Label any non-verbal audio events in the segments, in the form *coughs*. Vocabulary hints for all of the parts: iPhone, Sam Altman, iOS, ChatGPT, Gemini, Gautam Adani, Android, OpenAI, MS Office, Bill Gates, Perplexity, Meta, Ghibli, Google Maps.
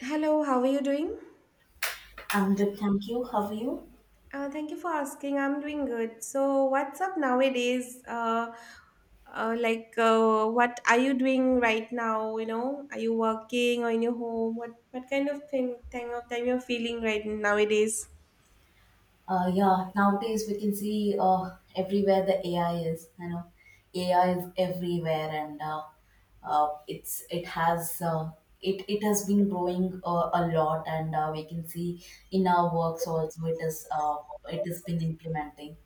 Hello, how are you doing? I'm good, thank you. How are you? Thank you for asking. I'm doing good. So, what's up nowadays? What are you doing right now? You know, are you working or in your home? What kind of thing of time you're feeling right nowadays? Yeah, nowadays we can see everywhere the AI is. You know, AI is everywhere, and uh, it's it has uh, it has been growing a lot, and we can see in our works also it has been implementing.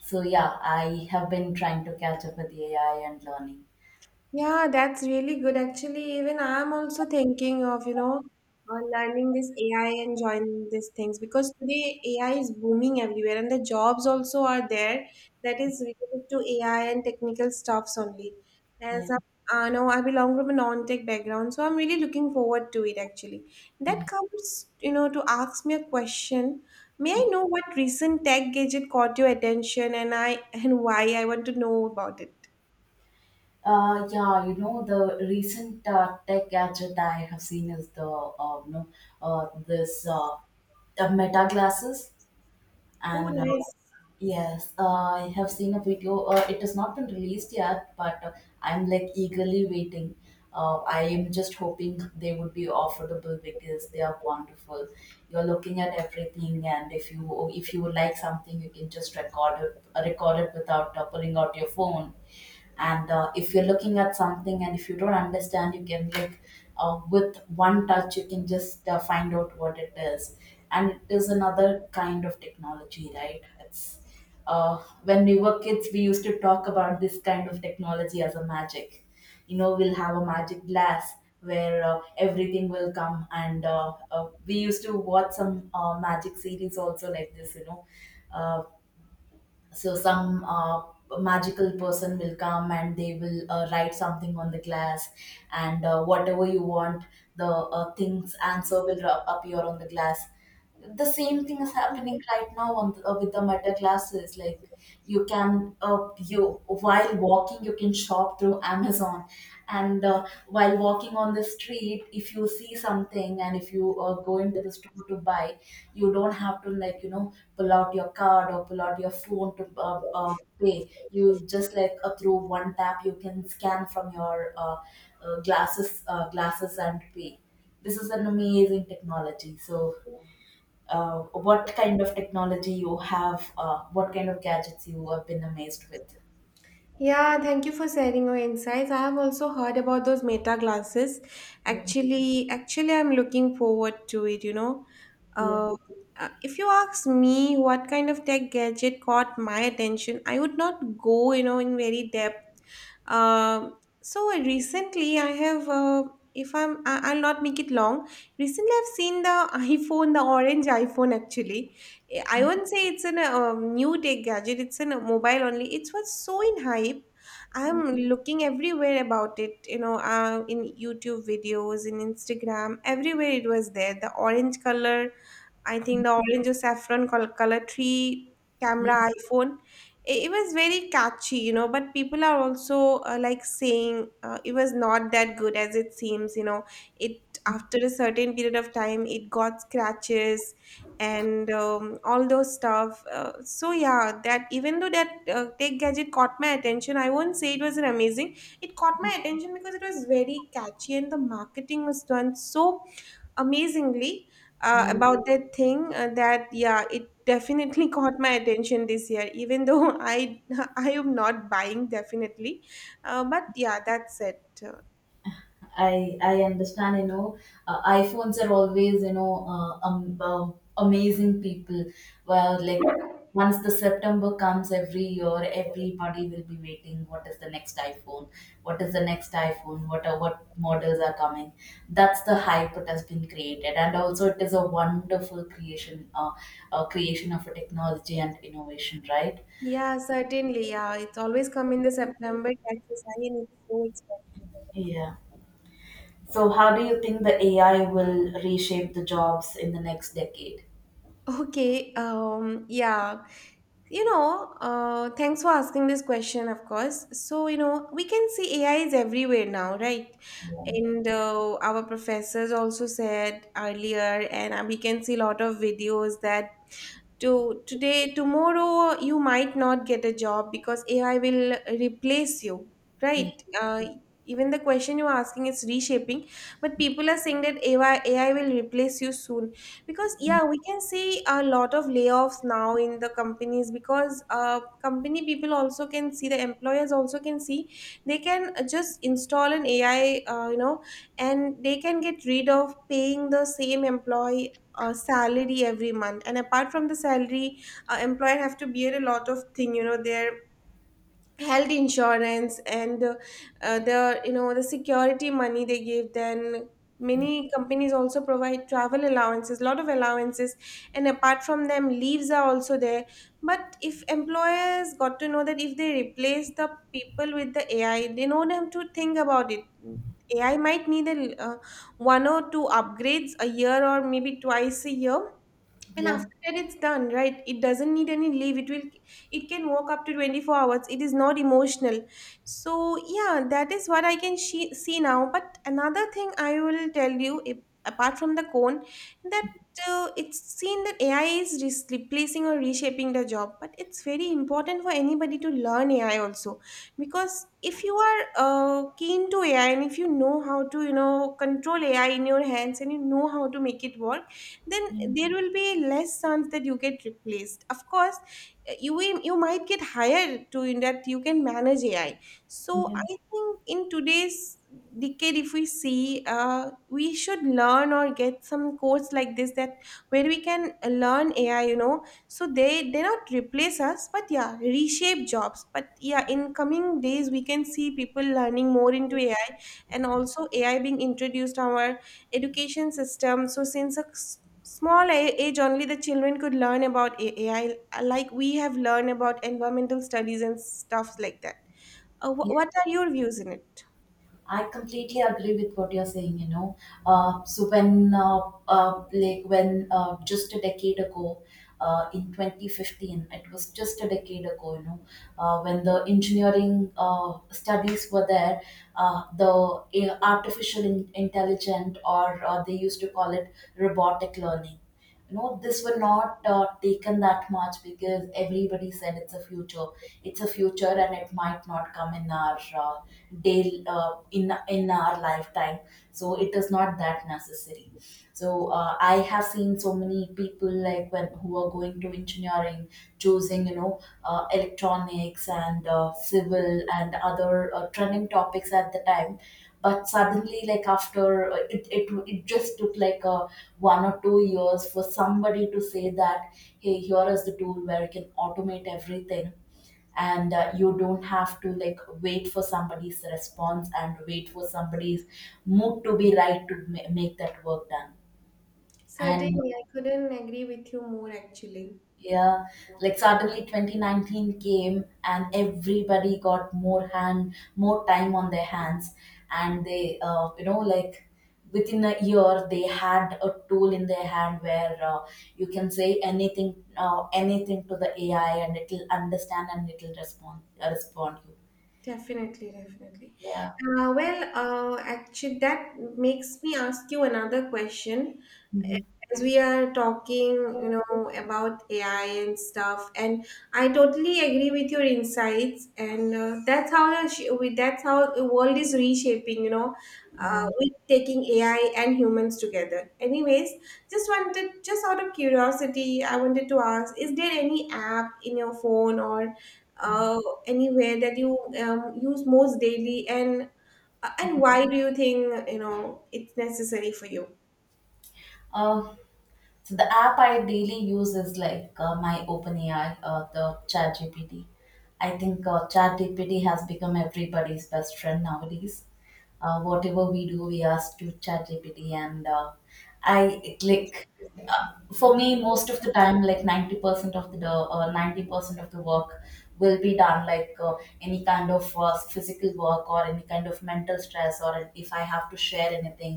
So yeah, I have been trying to catch up with AI and learning. Yeah, that's really good. Actually, even I'm also thinking of, you know, learning this AI and joining these things because today AI is booming everywhere and the jobs also are there that is related to AI and technical stuffs only. As Yeah. I know, I belong from a non-tech background, so I'm really looking forward to it actually. That Yeah. comes, you know, to ask me a question. May I know what recent tech gadget caught your attention and I and why I want to know about it? Yeah, you know, the recent tech gadget I have seen is the you know this Meta glasses, Oh, and nice. yes, I have seen a video. It has not been released yet, but I'm like eagerly waiting. I am just hoping they would be affordable because they are wonderful. You're looking at everything, and if you would like something, you can just record it without pulling out your phone. And if you're looking at something, and if you don't understand, you can like with one touch, you can just find out what it is. And it is another kind of technology, right? Yes. Uh, when we were kids, we used to talk about this kind of technology as a magic. You know, we'll have a magic glass where everything will come, and we used to watch some magic series also like this. You know, uh, so some magical person will come and they will write something on the glass, and whatever you want, the things answer will ru- appear on the glass. The same thing is happening right now on the, with the Meta classes. Like you can you while walking you can shop through Amazon, and while walking on the street, if you see something, and if you go into the store to buy, you don't have to like, you know, pull out your card or pull out your phone to pay. You just like through one tap, you can scan from your glasses and pay. This is an amazing technology. So uh, what kind of technology you have, what kind of gadgets you have been amazed with? Yeah, thank you for sharing your insights. I have also heard about those Meta glasses. Yeah, Actually, I'm looking forward to it, you know. yeah, Uh, if you ask me what kind of tech gadget caught my attention, I would not go, you know, in very depth. Um, so recently I have, if I'll not make it long. Recently I've seen the *laughs* iPhone, the orange iPhone actually. I won't say it's an new tech gadget. It's a mobile only. It was so in hype. yeah, I'm looking everywhere about it. You know, in YouTube videos, in Instagram, everywhere it was there. The orange color, I think the orange or saffron color tree camera iPhone. It was very catchy, you know, but people are also like saying it was not that good as it seems, you know. It after a certain period of time it got scratches and all those stuff. So yeah, that even though that tech gadget caught my attention, I won't say it was an amazing. It caught my attention because it was very catchy and the marketing was done so amazingly yeah. about that thing that yeah, it definitely *laughs* caught my attention this year, even though I *laughs* I am not buying definitely. But yeah, that's it. I understand, you know, iPhones are always, you know, amazing people. Well, like once the September comes every year, everybody will be waiting. What is the next iPhone? What is the next iPhone? What models are coming? That's the hype it has been created, and also it is a wonderful creation, creation of a technology and innovation, right? Yeah, certainly. Yeah, it's always come in the September catches, and it's so expensive. Yeah. So, how do you think the AI will reshape the jobs in the next decade? Okay. Yeah. You know, thanks for asking this question, of course. So, you know, we can see AI is everywhere now, right? Yeah. And our professors also said earlier, and we can see a lot of videos that to today tomorrow you might not get a job because AI will replace you, Yeah, right? Even the question you're asking is reshaping, but people are saying that AI will replace you soon because yeah, we can see a lot of layoffs now in the companies because company people also can see, the employers also can see they can just install an AI you know, and they can get rid of paying the same employee salary every month. And apart from the salary, employer have to bear a lot of thing, you know, their health insurance and the, you know, the security money they give, then many companies also provide travel allowances, lot of allowances. And apart from them, leaves are also there. But if employers got to know that if they replace the people with the AI, they don't have to think about it. AI might need a uh, one or two upgrades a year or maybe twice a year, and yeah, after that, it's done, right? It doesn't need any leave. It can walk up to 24 hours. It is not emotional. So, yeah, that is what I can see now. But another thing I will tell you, if, apart from the cone, that it's seen that AI is replacing or reshaping the job. But it's very important for anybody to learn AI also. Because if you are keen to AI and if you know how to, you know, control AI in your hands and you know how to make it work, then mm, there will be less chance that you get replaced, of course. You you might get hired to, in that you can manage AI. So yeah, I think in today's decade, if we see, we should learn or get some course like this, that where we can learn AI, you know. So they not replace us, but yeah, reshape jobs. But yeah, in coming days we can see people learning more into AI, and also AI being introduced to our education system. So since a small age only, the children could learn about AI, like we have learned about environmental studies and stuff like that. Yeah. What are your views in it? I completely agree with what you're saying, you know. So when, like when just a decade ago, in 2015, it was just a decade ago, you know, when the engineering studies were there, the intelligent, or they used to call it robotic learning, you know, this were not taken that much, because everybody said it's a future. It's a future, and it might not come in our uh, day in our lifetime, so it is not that necessary. So I have seen so many people like when who are going to engineering, choosing, you know, electronics and civil and other trending topics at the time. But suddenly, like after it just took like a 1 or 2 years for somebody to say that, hey, here is the tool where you can automate everything, and you don't have to like wait for somebody's response and wait for somebody's mood to be right to make that work done. And Certainly, I couldn't agree with you more actually. yeah, like suddenly 2019 came and everybody got more hand, more time on their hands, and they, you know, like within a year they had a tool in their hand where you can say anything, anything to the AI, and it'll understand and it'll respond, respond you. Definitely. Yeah. Well, actually, that makes me ask you another question. Hmm. As we are talking, you know, about AI and stuff, and I totally agree with your insights, and that's how the that's how the world is reshaping. You know, Yeah. with taking AI and humans together. Anyways, just wanted, just out of curiosity, I wanted to ask: is there any app in your phone or uh, anywhere that you use most daily, and why do you think, you know, it's necessary for you? Uh, So the app I daily use is like my OpenAI, the ChatGPT. I think ChatGPT has become everybody's best friend nowadays. Whatever we do, we ask to ChatGPT, and like, uh, for me, most of the time, like 90% of the 90% of the work will be done. Like any kind of physical work or any kind of mental stress, or if I have to share anything,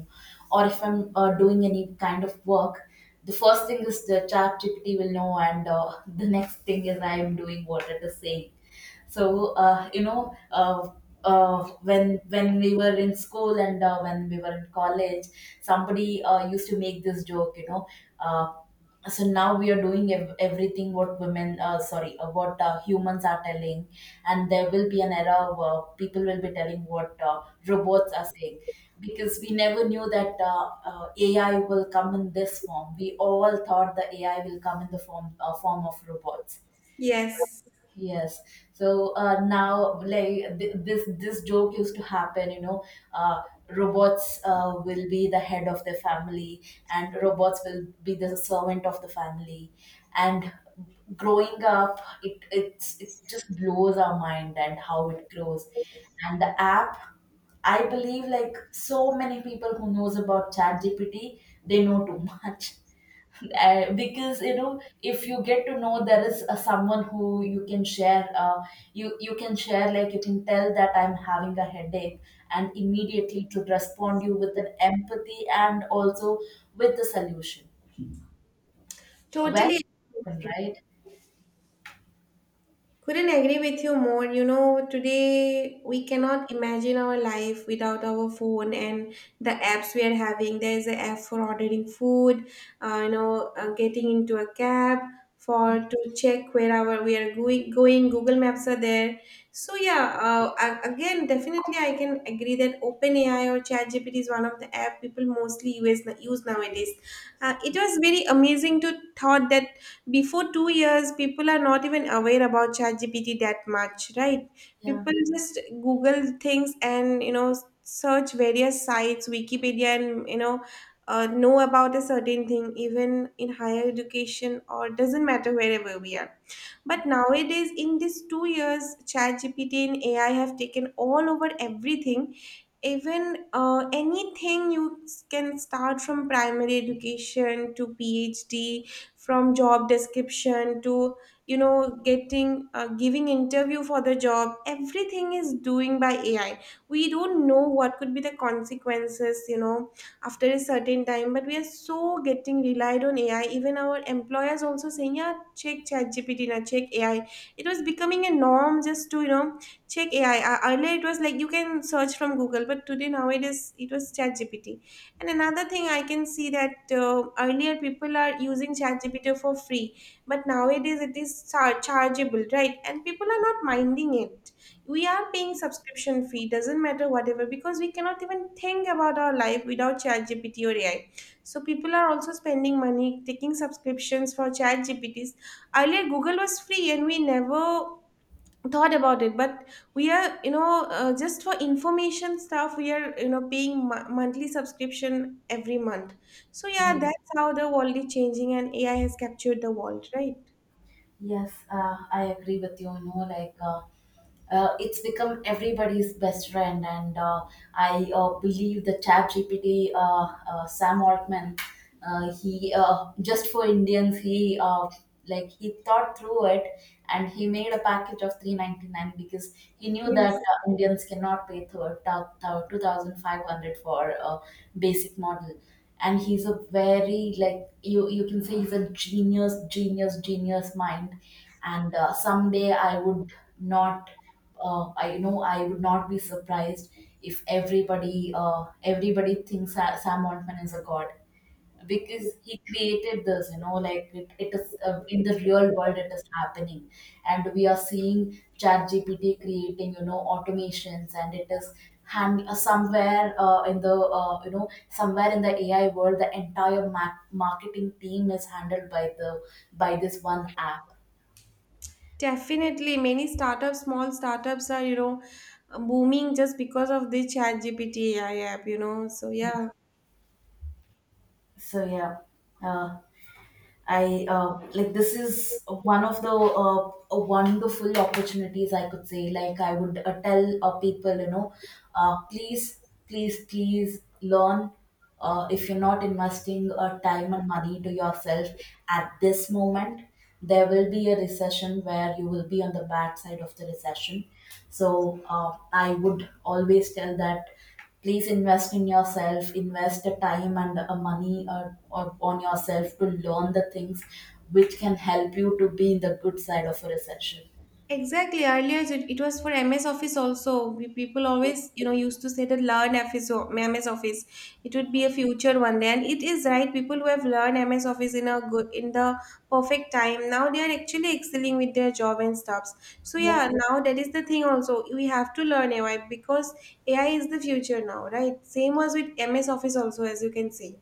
or if I'm doing any kind of work, the first thing is the chat gpt will know, and the next thing is I am doing what it is saying. So you know, when we were in school, and when we were in college, somebody used to make this joke, you know, uh, so now we are doing everything what women sorry what humans are telling, and there will be an era where people will be telling what robots are saying, because we never knew that AI will come in this form. We all thought the AI will come in the form form of robots. Yes. Yes. So now, like this joke used to happen. You know, uh, robots will be the head of the family, and robots will be the servant of the family. And growing up, it just blows our mind and how it grows. And the app, I believe, like so many people who knows about ChatGPT, they know too *laughs* much because, you know, if you get to know there is someone who you can share, you can share, like you can tell that I'm having a headache, and immediately to respond you with an empathy and also with the solution. Well. Totally. Right. Couldn't agree with you more. You know, today we cannot imagine our life without our phone and the apps we are having. There is an app for ordering food, you know, getting into a cab for to check where our we are going. Going, Google Maps are there. So yeah, again, definitely I can agree that OpenAI or ChatGPT is one of the app people mostly use nowadays. It was very amazing to thought that before two years, people are not even aware about ChatGPT that much, right? Yeah. People just Google things, and you know, search various sites, Wikipedia, and you know, know about a certain thing. Even in higher education, or doesn't matter wherever we are, but nowadays, in these two years, ChatGPT and AI have taken all over everything. Even anything you can start from primary education to PhD, from job description to, you know, getting giving interview for the job. Everything is doing by AI. We don't know what could be the consequences. You know, after a certain time, but we are so getting relied on AI. Even our employers also saying, yeah, check ChatGPT, gpt check AI. It was becoming a norm just to, you know, check AI. Earlier it was like you can search from Google, but today nowadays it was ChatGPT. And another thing I can see, that earlier people are using ChatGPT for free, but nowadays it is chargeable, right, and people are not minding it. We are paying subscription fee, doesn't matter whatever, because we cannot even think about our life without chat gpt or AI. So people are also spending money, taking subscriptions for chat gpts earlier Google was free, and we never thought about it, but we are, you know, just for information stuff, we are, you know, paying monthly subscription every month. So yeah, Mm. that's how the world is changing, and AI has captured the world, right? Yes, I agree with you, you know, like it's become everybody's best friend, and I believe the chat gpt Sam Altman, he just for Indians, he like he thought through it, and he made a package of 399 because he knew Yes. that Indians cannot pay 2500 for a basic model. And he's a very, like, you can say he's a genius mind. And someday I would not, I know I would not be surprised if everybody thinks Sam Altman is a god, because he created this. You know, like it is in the real world, it is happening, and we are seeing ChatGPT creating, you know, automations, and it is hand, somewhere, in the you know, somewhere in the AI world, the entire marketing team is handled by the by this one app. Definitely, many startups, small startups are, you know, booming just because of the chat GPT AI app, you know. So yeah. So yeah. uh, I, like this is one of the wonderful opportunities I could say. Like I would tell people, you know, please, please, please learn. If you're not investing time and money to yourself at this moment, there will be a recession where you will be on the bad side of the recession. So I would always tell that please invest in yourself, invest the time and the money on yourself to learn the things which can help you to be in the good side of a recession. Exactly. Earlier, it was for MS Office also. We, people always, you know, used to say that learn FS MS Office. It would be a future one day, and it is right. People who have learned MS Office in a good, in the perfect time, now they are actually excelling with their job and stuffs. So Yeah, yeah, now that is the thing. Also, we have to learn AI because AI is the future now, right? Same was with MS Office also, as you can see.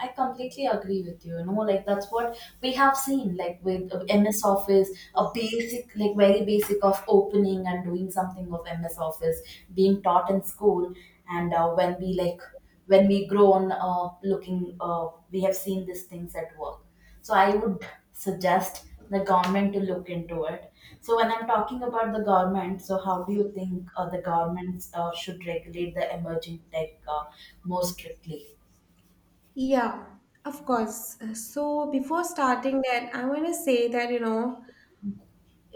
I completely agree with you. You know, like that's what we have seen, like with MS Office, a basic, like very basic of opening and doing something of MS Office being taught in school. And when we like, when we grown looking, we have seen these things at work. So I would suggest the government to look into it. So when I'm talking about the government, so how do you think the government should regulate the emerging tech more strictly? Yeah, of course. So before starting that, I want to say that, you know,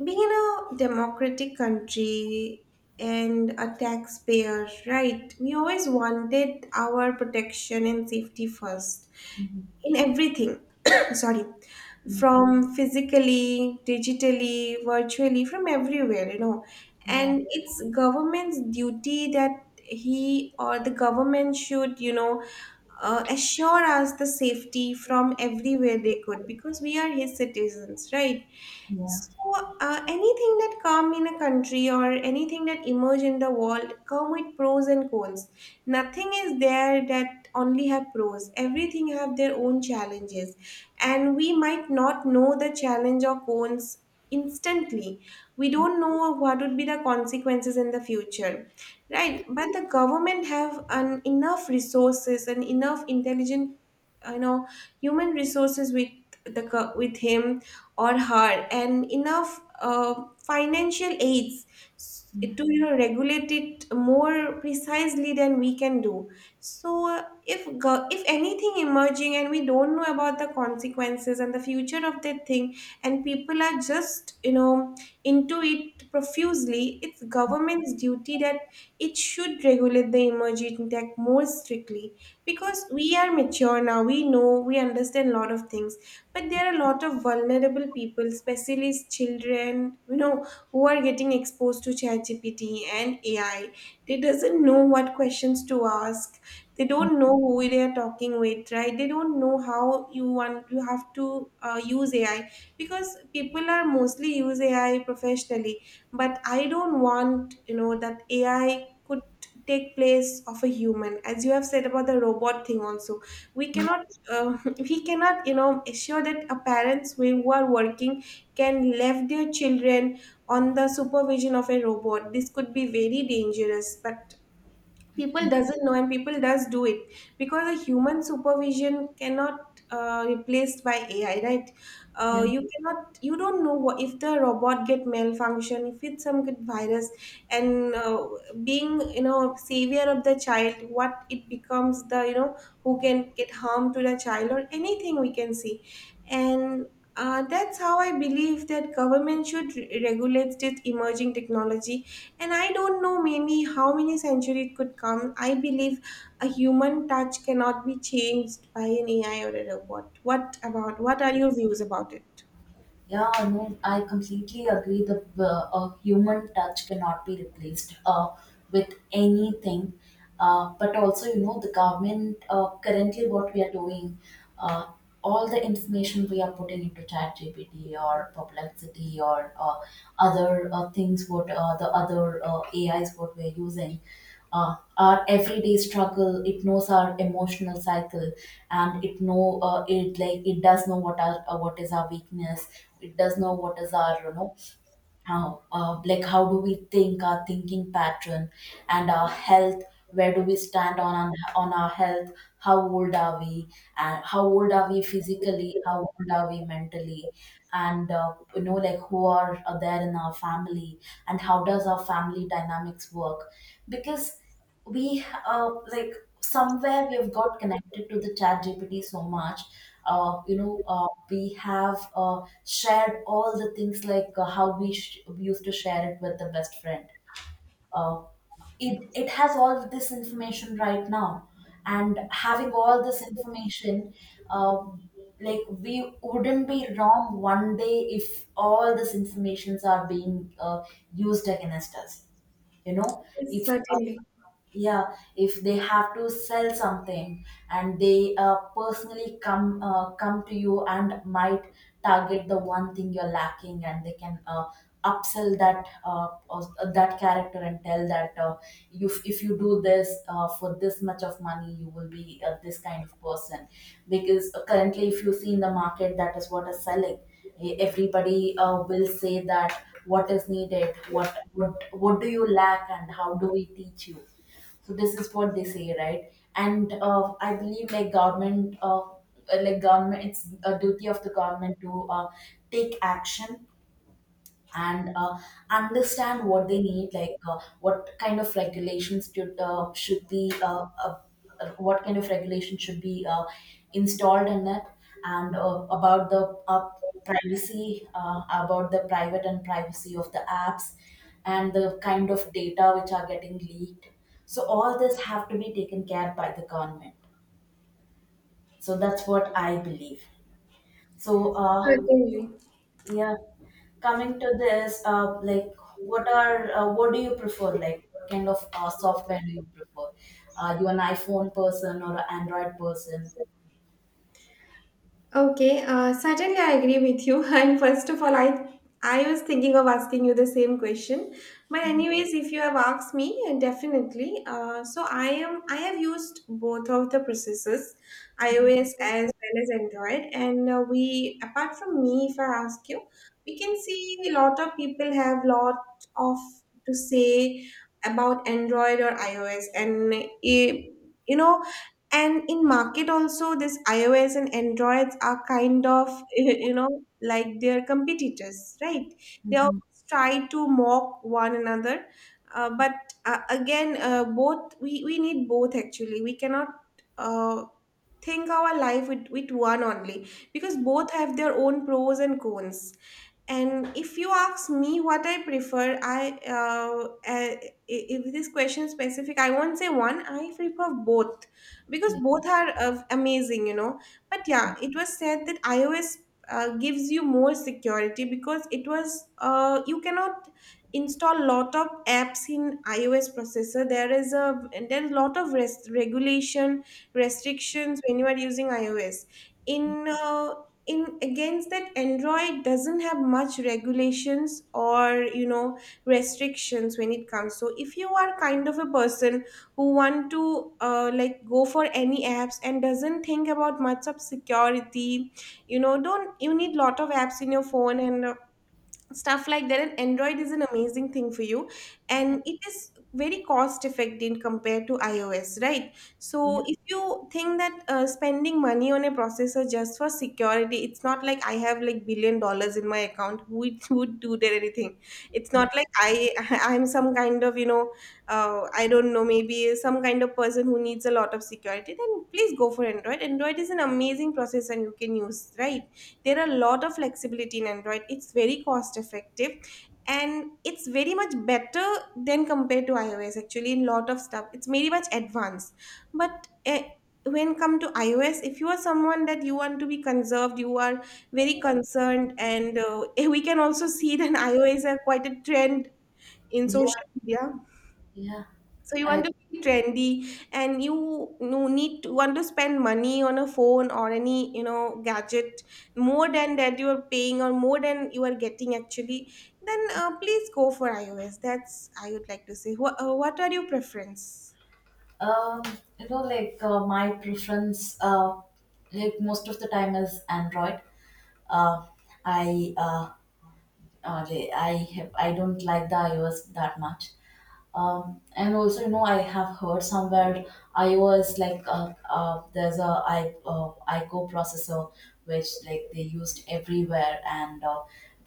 being in a democratic country and a taxpayer, right, we always wanted our protection and safety first in everything. *coughs* Sorry, Mm. from physically, digitally, virtually, from everywhere, you know. Yeah. And it's government's duty that he or the government should, you know, assure us the safety from everywhere they could, because we are his citizens, right? Yeah. So, anything that come in a country or anything that emerge in the world come with pros and cons. Nothing is there that only have pros. Everything have their own challenges, and we might not know the challenge or cons instantly. We don't know what would be the consequences in the future, right? But the government have an enough resources and enough intelligent, you know, human resources with with him or her and enough financial aids to, you know, regulate it more precisely than we can do. So if anything emerging and we don't know about the consequences and the future of that thing, and people are just, you know, into it profusely, it's government's duty that it should regulate the emerging tech more strictly, because we are mature now, we know, we understand a lot of things. But there are a lot of vulnerable people, especially children, you know, who are getting exposed to ChatGPT and AI. They doesn't know what questions to ask, they don't know who they are talking with, right? They don't know how you have to use AI, because people are mostly use AI professionally. But I don't want, you know, that AI could take place of a human, as you have said about the robot thing also. We cannot *laughs* we cannot, you know, assure that a parents who are working can leave their children on the supervision of a robot. This could be very dangerous, but people doesn't know and people does do it, because a human supervision cannot replaced by ai, right? Yeah. you cannot, you don't know what, if the robot get malfunction, if it's some good virus. And being, you know, savior of the child, what it becomes, the, you know, who can get harm to the child or anything we can see. And that's how I believe that government should regulate this emerging technology. And I don't know maybe how many centuries it could come. I believe a human touch cannot be changed by an AI or a robot. What about what are your views about it? Yeah, no, I completely agree. The A human touch cannot be replaced with anything. But also, you know, the government, currently what we are doing, uh, all the information we are putting into ChatGPT or Perplexity or other things, what the other AIs what we're using, our everyday struggle. It knows our emotional cycle, and it does know what our, what is our weakness. It does know what is our you know how, like how do we think, our thinking pattern, and our health. Where do we stand on our health, how old are we? And how old are we physically, how old are we mentally? And like who are there in our family, and how does our family dynamics work? Because we like somewhere we have got connected to the chat gpt so much. We have shared all the things, like used to share it with the best friend. Uh, it, it has all of this information right now, and having all this information, uh, like, we wouldn't be wrong one day if all these informations are being used against us you know Yes, if certainly, yeah, if they have to sell something and they personally come to you, and might target the one thing you're lacking, and they can upsell that, that character, and tell that you, if you do this for this much of money, you will be this kind of person. Because currently, if you see in the market, that is what is selling. Everybody will say that what is needed, what do you lack and how do we teach you. So this is what they say, right? And I believe, like, government, it's a duty of the government to take action. And understand what they need, like, what kind of regulations should be what kind of regulation should be installed in it. And about the privacy, about the private and privacy of the apps and the kind of data which are getting leaked. So all this have to be taken care by the government. So that's what I believe. so uh, certainly. yeah. Coming to this, like, what do you prefer? Like, what kind of software do you prefer? Are you an iPhone person or an Android person? Okay, certainly I agree with you. *laughs* And first of all, I was thinking of asking you the same question, but anyways, if you have asked me, definitely. So I have used both of the processes, iOS as well as Android, and we apart from me, if I ask you, we can see a lot of people have lot of to say about Android or iOS, and eh, you know, and in market also this ios and androids are kind of *laughs* you know like their competitors, right? They Mm. always try to mock one another. But again both we need both actually. We cannot uh, think our life with one only, because both have their own pros and cons. And if you ask me what I prefer, I if this question is specific, I won't say one. I prefer both, because Yeah, both are amazing, you know. But yeah, it was said that iOS gives you more security, because it was you cannot install lot of apps in iOS processor. There is a there is lot of regulation restrictions when you are using iOS. In uh, in against that android doesn't have much regulations, or you know, restrictions when it comes. So if you are kind of a person who want to like go for any apps and doesn't think about much of security, you know, don't you need lot of apps in your phone and stuff like that, and android is an amazing thing for you. And it is very cost effective compared to ios, right? yeah, So if you think that spending money on a processor just for security, it's not like I have like $1 billion in my account. Who would do that anything, it's yeah, not like I *laughs* I'm some kind of, you know, I don't know maybe some kind of person who needs a lot of security, then please go for android. Android is an amazing processor you can use, right? There are a lot of flexibility in android, it's very cost effective, and it's very much better than compared to ios. Actually in lot of stuff it's very much advanced. But when come to ios, if you are someone that you want to be conserved, you are very concerned, and *laughs* we can also see that ios are quite a trend in yeah. social media. Yeah. So you want I to be trendy, and you need to want to spend money on a phone or any, you know, gadget more than that you are paying, or more than you are getting actually, then please go for iOS. That's I would like to say. What are your preference? um, you know, like, my preference, like, most of the time is Android. Uh, I uh, uh, I don't like the iOS that much. And also, you know, I have heard somewhere, I was like there's a I ICO processor which, like, they used everywhere. And uh,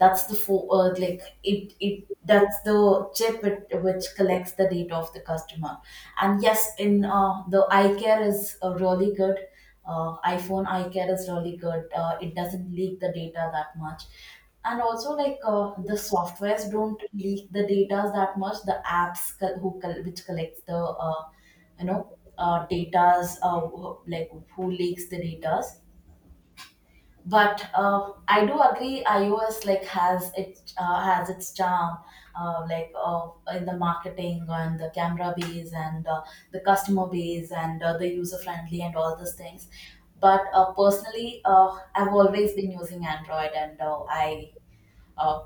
that's the fo- uh, like it it that's the chip, it, which collects the data of the customer. And yes, in the eye care is really good, iPhone iCare is really good. It doesn't leak the data that much. And also, like, the softwares don't leak the data that much, the apps, which collects the uh, you know data's, like, who leaks the data's. But I do agree, iOS, like has its charm, in the marketing, and the camera base, and the customer base, and the user friendly, and all those things. But personally, I've always been using Android. And I uh,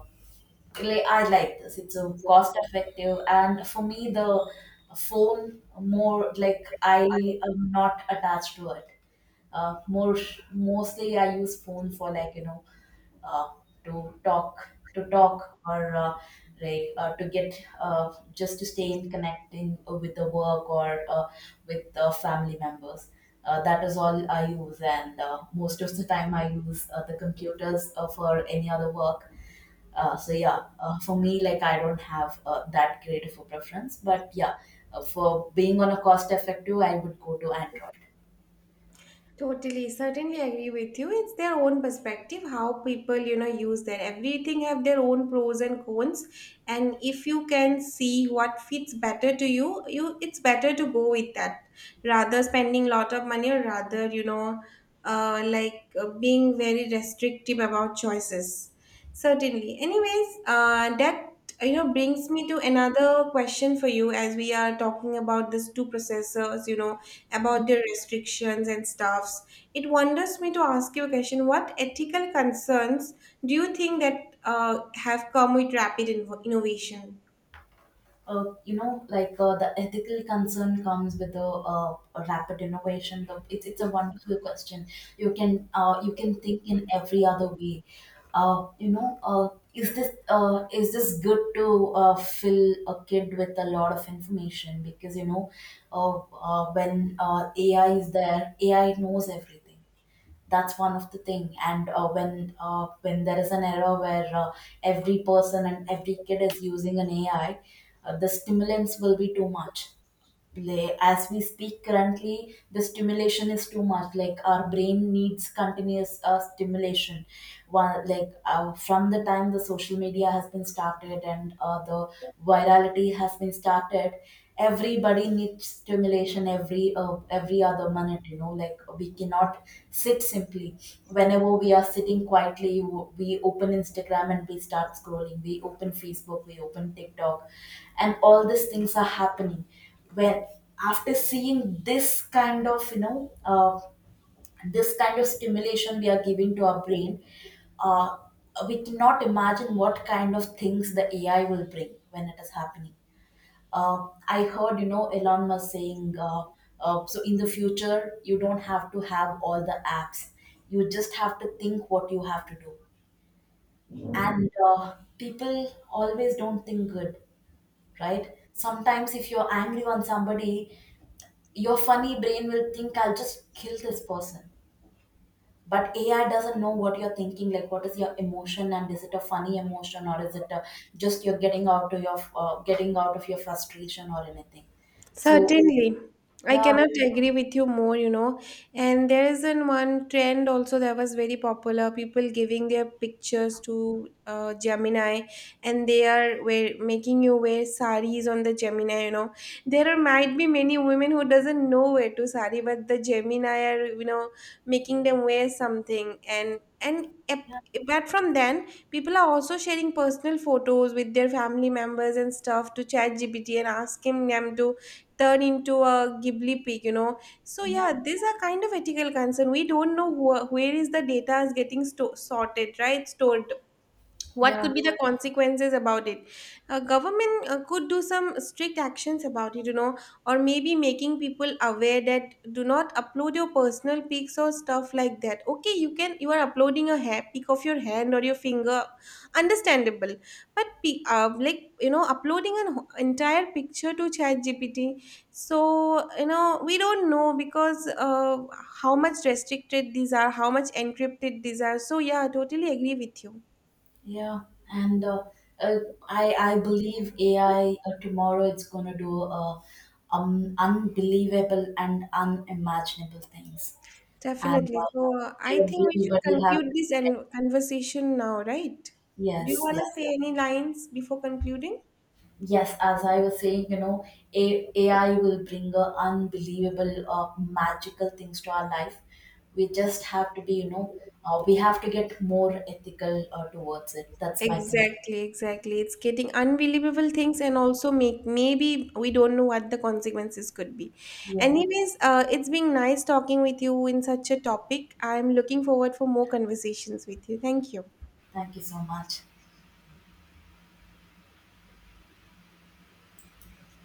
like, I like this. It's a cost effective, and for me, the phone more like I am not attached to it. More Mostly I use phone for, like, you know, uh, to talk, or to get, just to stay in connecting with the work or with the family members. That is all I use, and most of the time I use the computers for any other work. So yeah, for me, like, I don't have that great of a preference. But yeah, for being on a cost effective, I would go to Android. Totally, certainly agree with you. It's their own perspective, how people, you know, use that. Everything have their own pros and cons. And if you can see what fits better to you, you it's better to go with that, rather spending lot of money, or rather, you know, being very restrictive about choices. Certainly. Anyways, that, you know, brings me to another question for you, as we are talking about these two processors, you know, about their restrictions and stuffs. It wonders me to ask you a question. What ethical concerns do you think that have come with rapid innovation? You know, like, the ethical concern comes with a, rapid innovation. It's a wonderful question. You can, you can think in every other way. You know, is this good to fill a kid with a lot of information? Because, you know, when AI is there, AI knows everything, that's one of the thing. And when there is an era where every person and every kid is using an AI, the stimulants will be too much. Play, as we speak, currently the stimulation is too much, like, our brain needs continuous stimulation. One, like, from the time the social media has been started and the virality has been started, everybody needs stimulation every, every other minute. You know, like, we cannot sit simply. Whenever we are sitting quietly, we open Instagram and we start scrolling, we open Facebook, we open TikTok, and all these things are happening. When, after seeing this kind of, you know, this kind of stimulation we are giving to our brain, uh, we cannot imagine what kind of things the AI will bring when it is happening. I heard, you know, Elon Musk saying, so in the future you don't have to have all the apps, you just have to think what you have to do. And people always don't think good, right? Sometimes if you're angry on somebody, your funny brain will think, I'll just kill this person. But AI doesn't know what you're thinking, like, what is your emotion, and is it a funny emotion, or is it a, just you're getting out to your, getting out of your frustration or anything. So Certainly. I yeah, cannot agree with you more, you know. And there is an one trend also that was very popular, people giving their pictures to Gemini, and they are making you wear saris on the Gemini, you know. There are, might be many women who doesn't know where to sari, but the Gemini are, you know, making them wear something. And, yeah, apart from then, people are also sharing personal photos with their family members and stuff to chat GPT and asking them to turn into a ghibli pig, you know. So yeah, yeah, these are kind of ethical concern. We don't know who, where is the data is getting sorted, right, stored, what yeah, could be the consequences about it. Government could do some strict actions about it, you know, or maybe making people aware that do not upload your personal pics or stuff like that. Okay, you can, you are uploading a hair pic of your hand or your finger, understandable. But like you know uploading an entire picture to ChatGPT, so you know we don't know, because how much restricted these are, how much encrypted these are. So yeah, I totally agree with you. yeah. And uh, I believe AI, tomorrow, it's going to do, unbelievable and unimaginable things. And Definitely. So I think we should everybody have, conclude this and conversation now, right? Do you yes, want yes. to say any lines before concluding? Yes, as I was saying, you know, AI will bring a unbelievable, magical things to our life. We just have to be, you know, we have to get more ethical towards it. That's my thing. Exactly, exactly. It's getting unbelievable things, and also make maybe we don't know what the consequences could be. Yeah, Anyways, it's been nice talking with you in such a topic. I'm looking forward for more conversations with you. Thank you. thank you so much.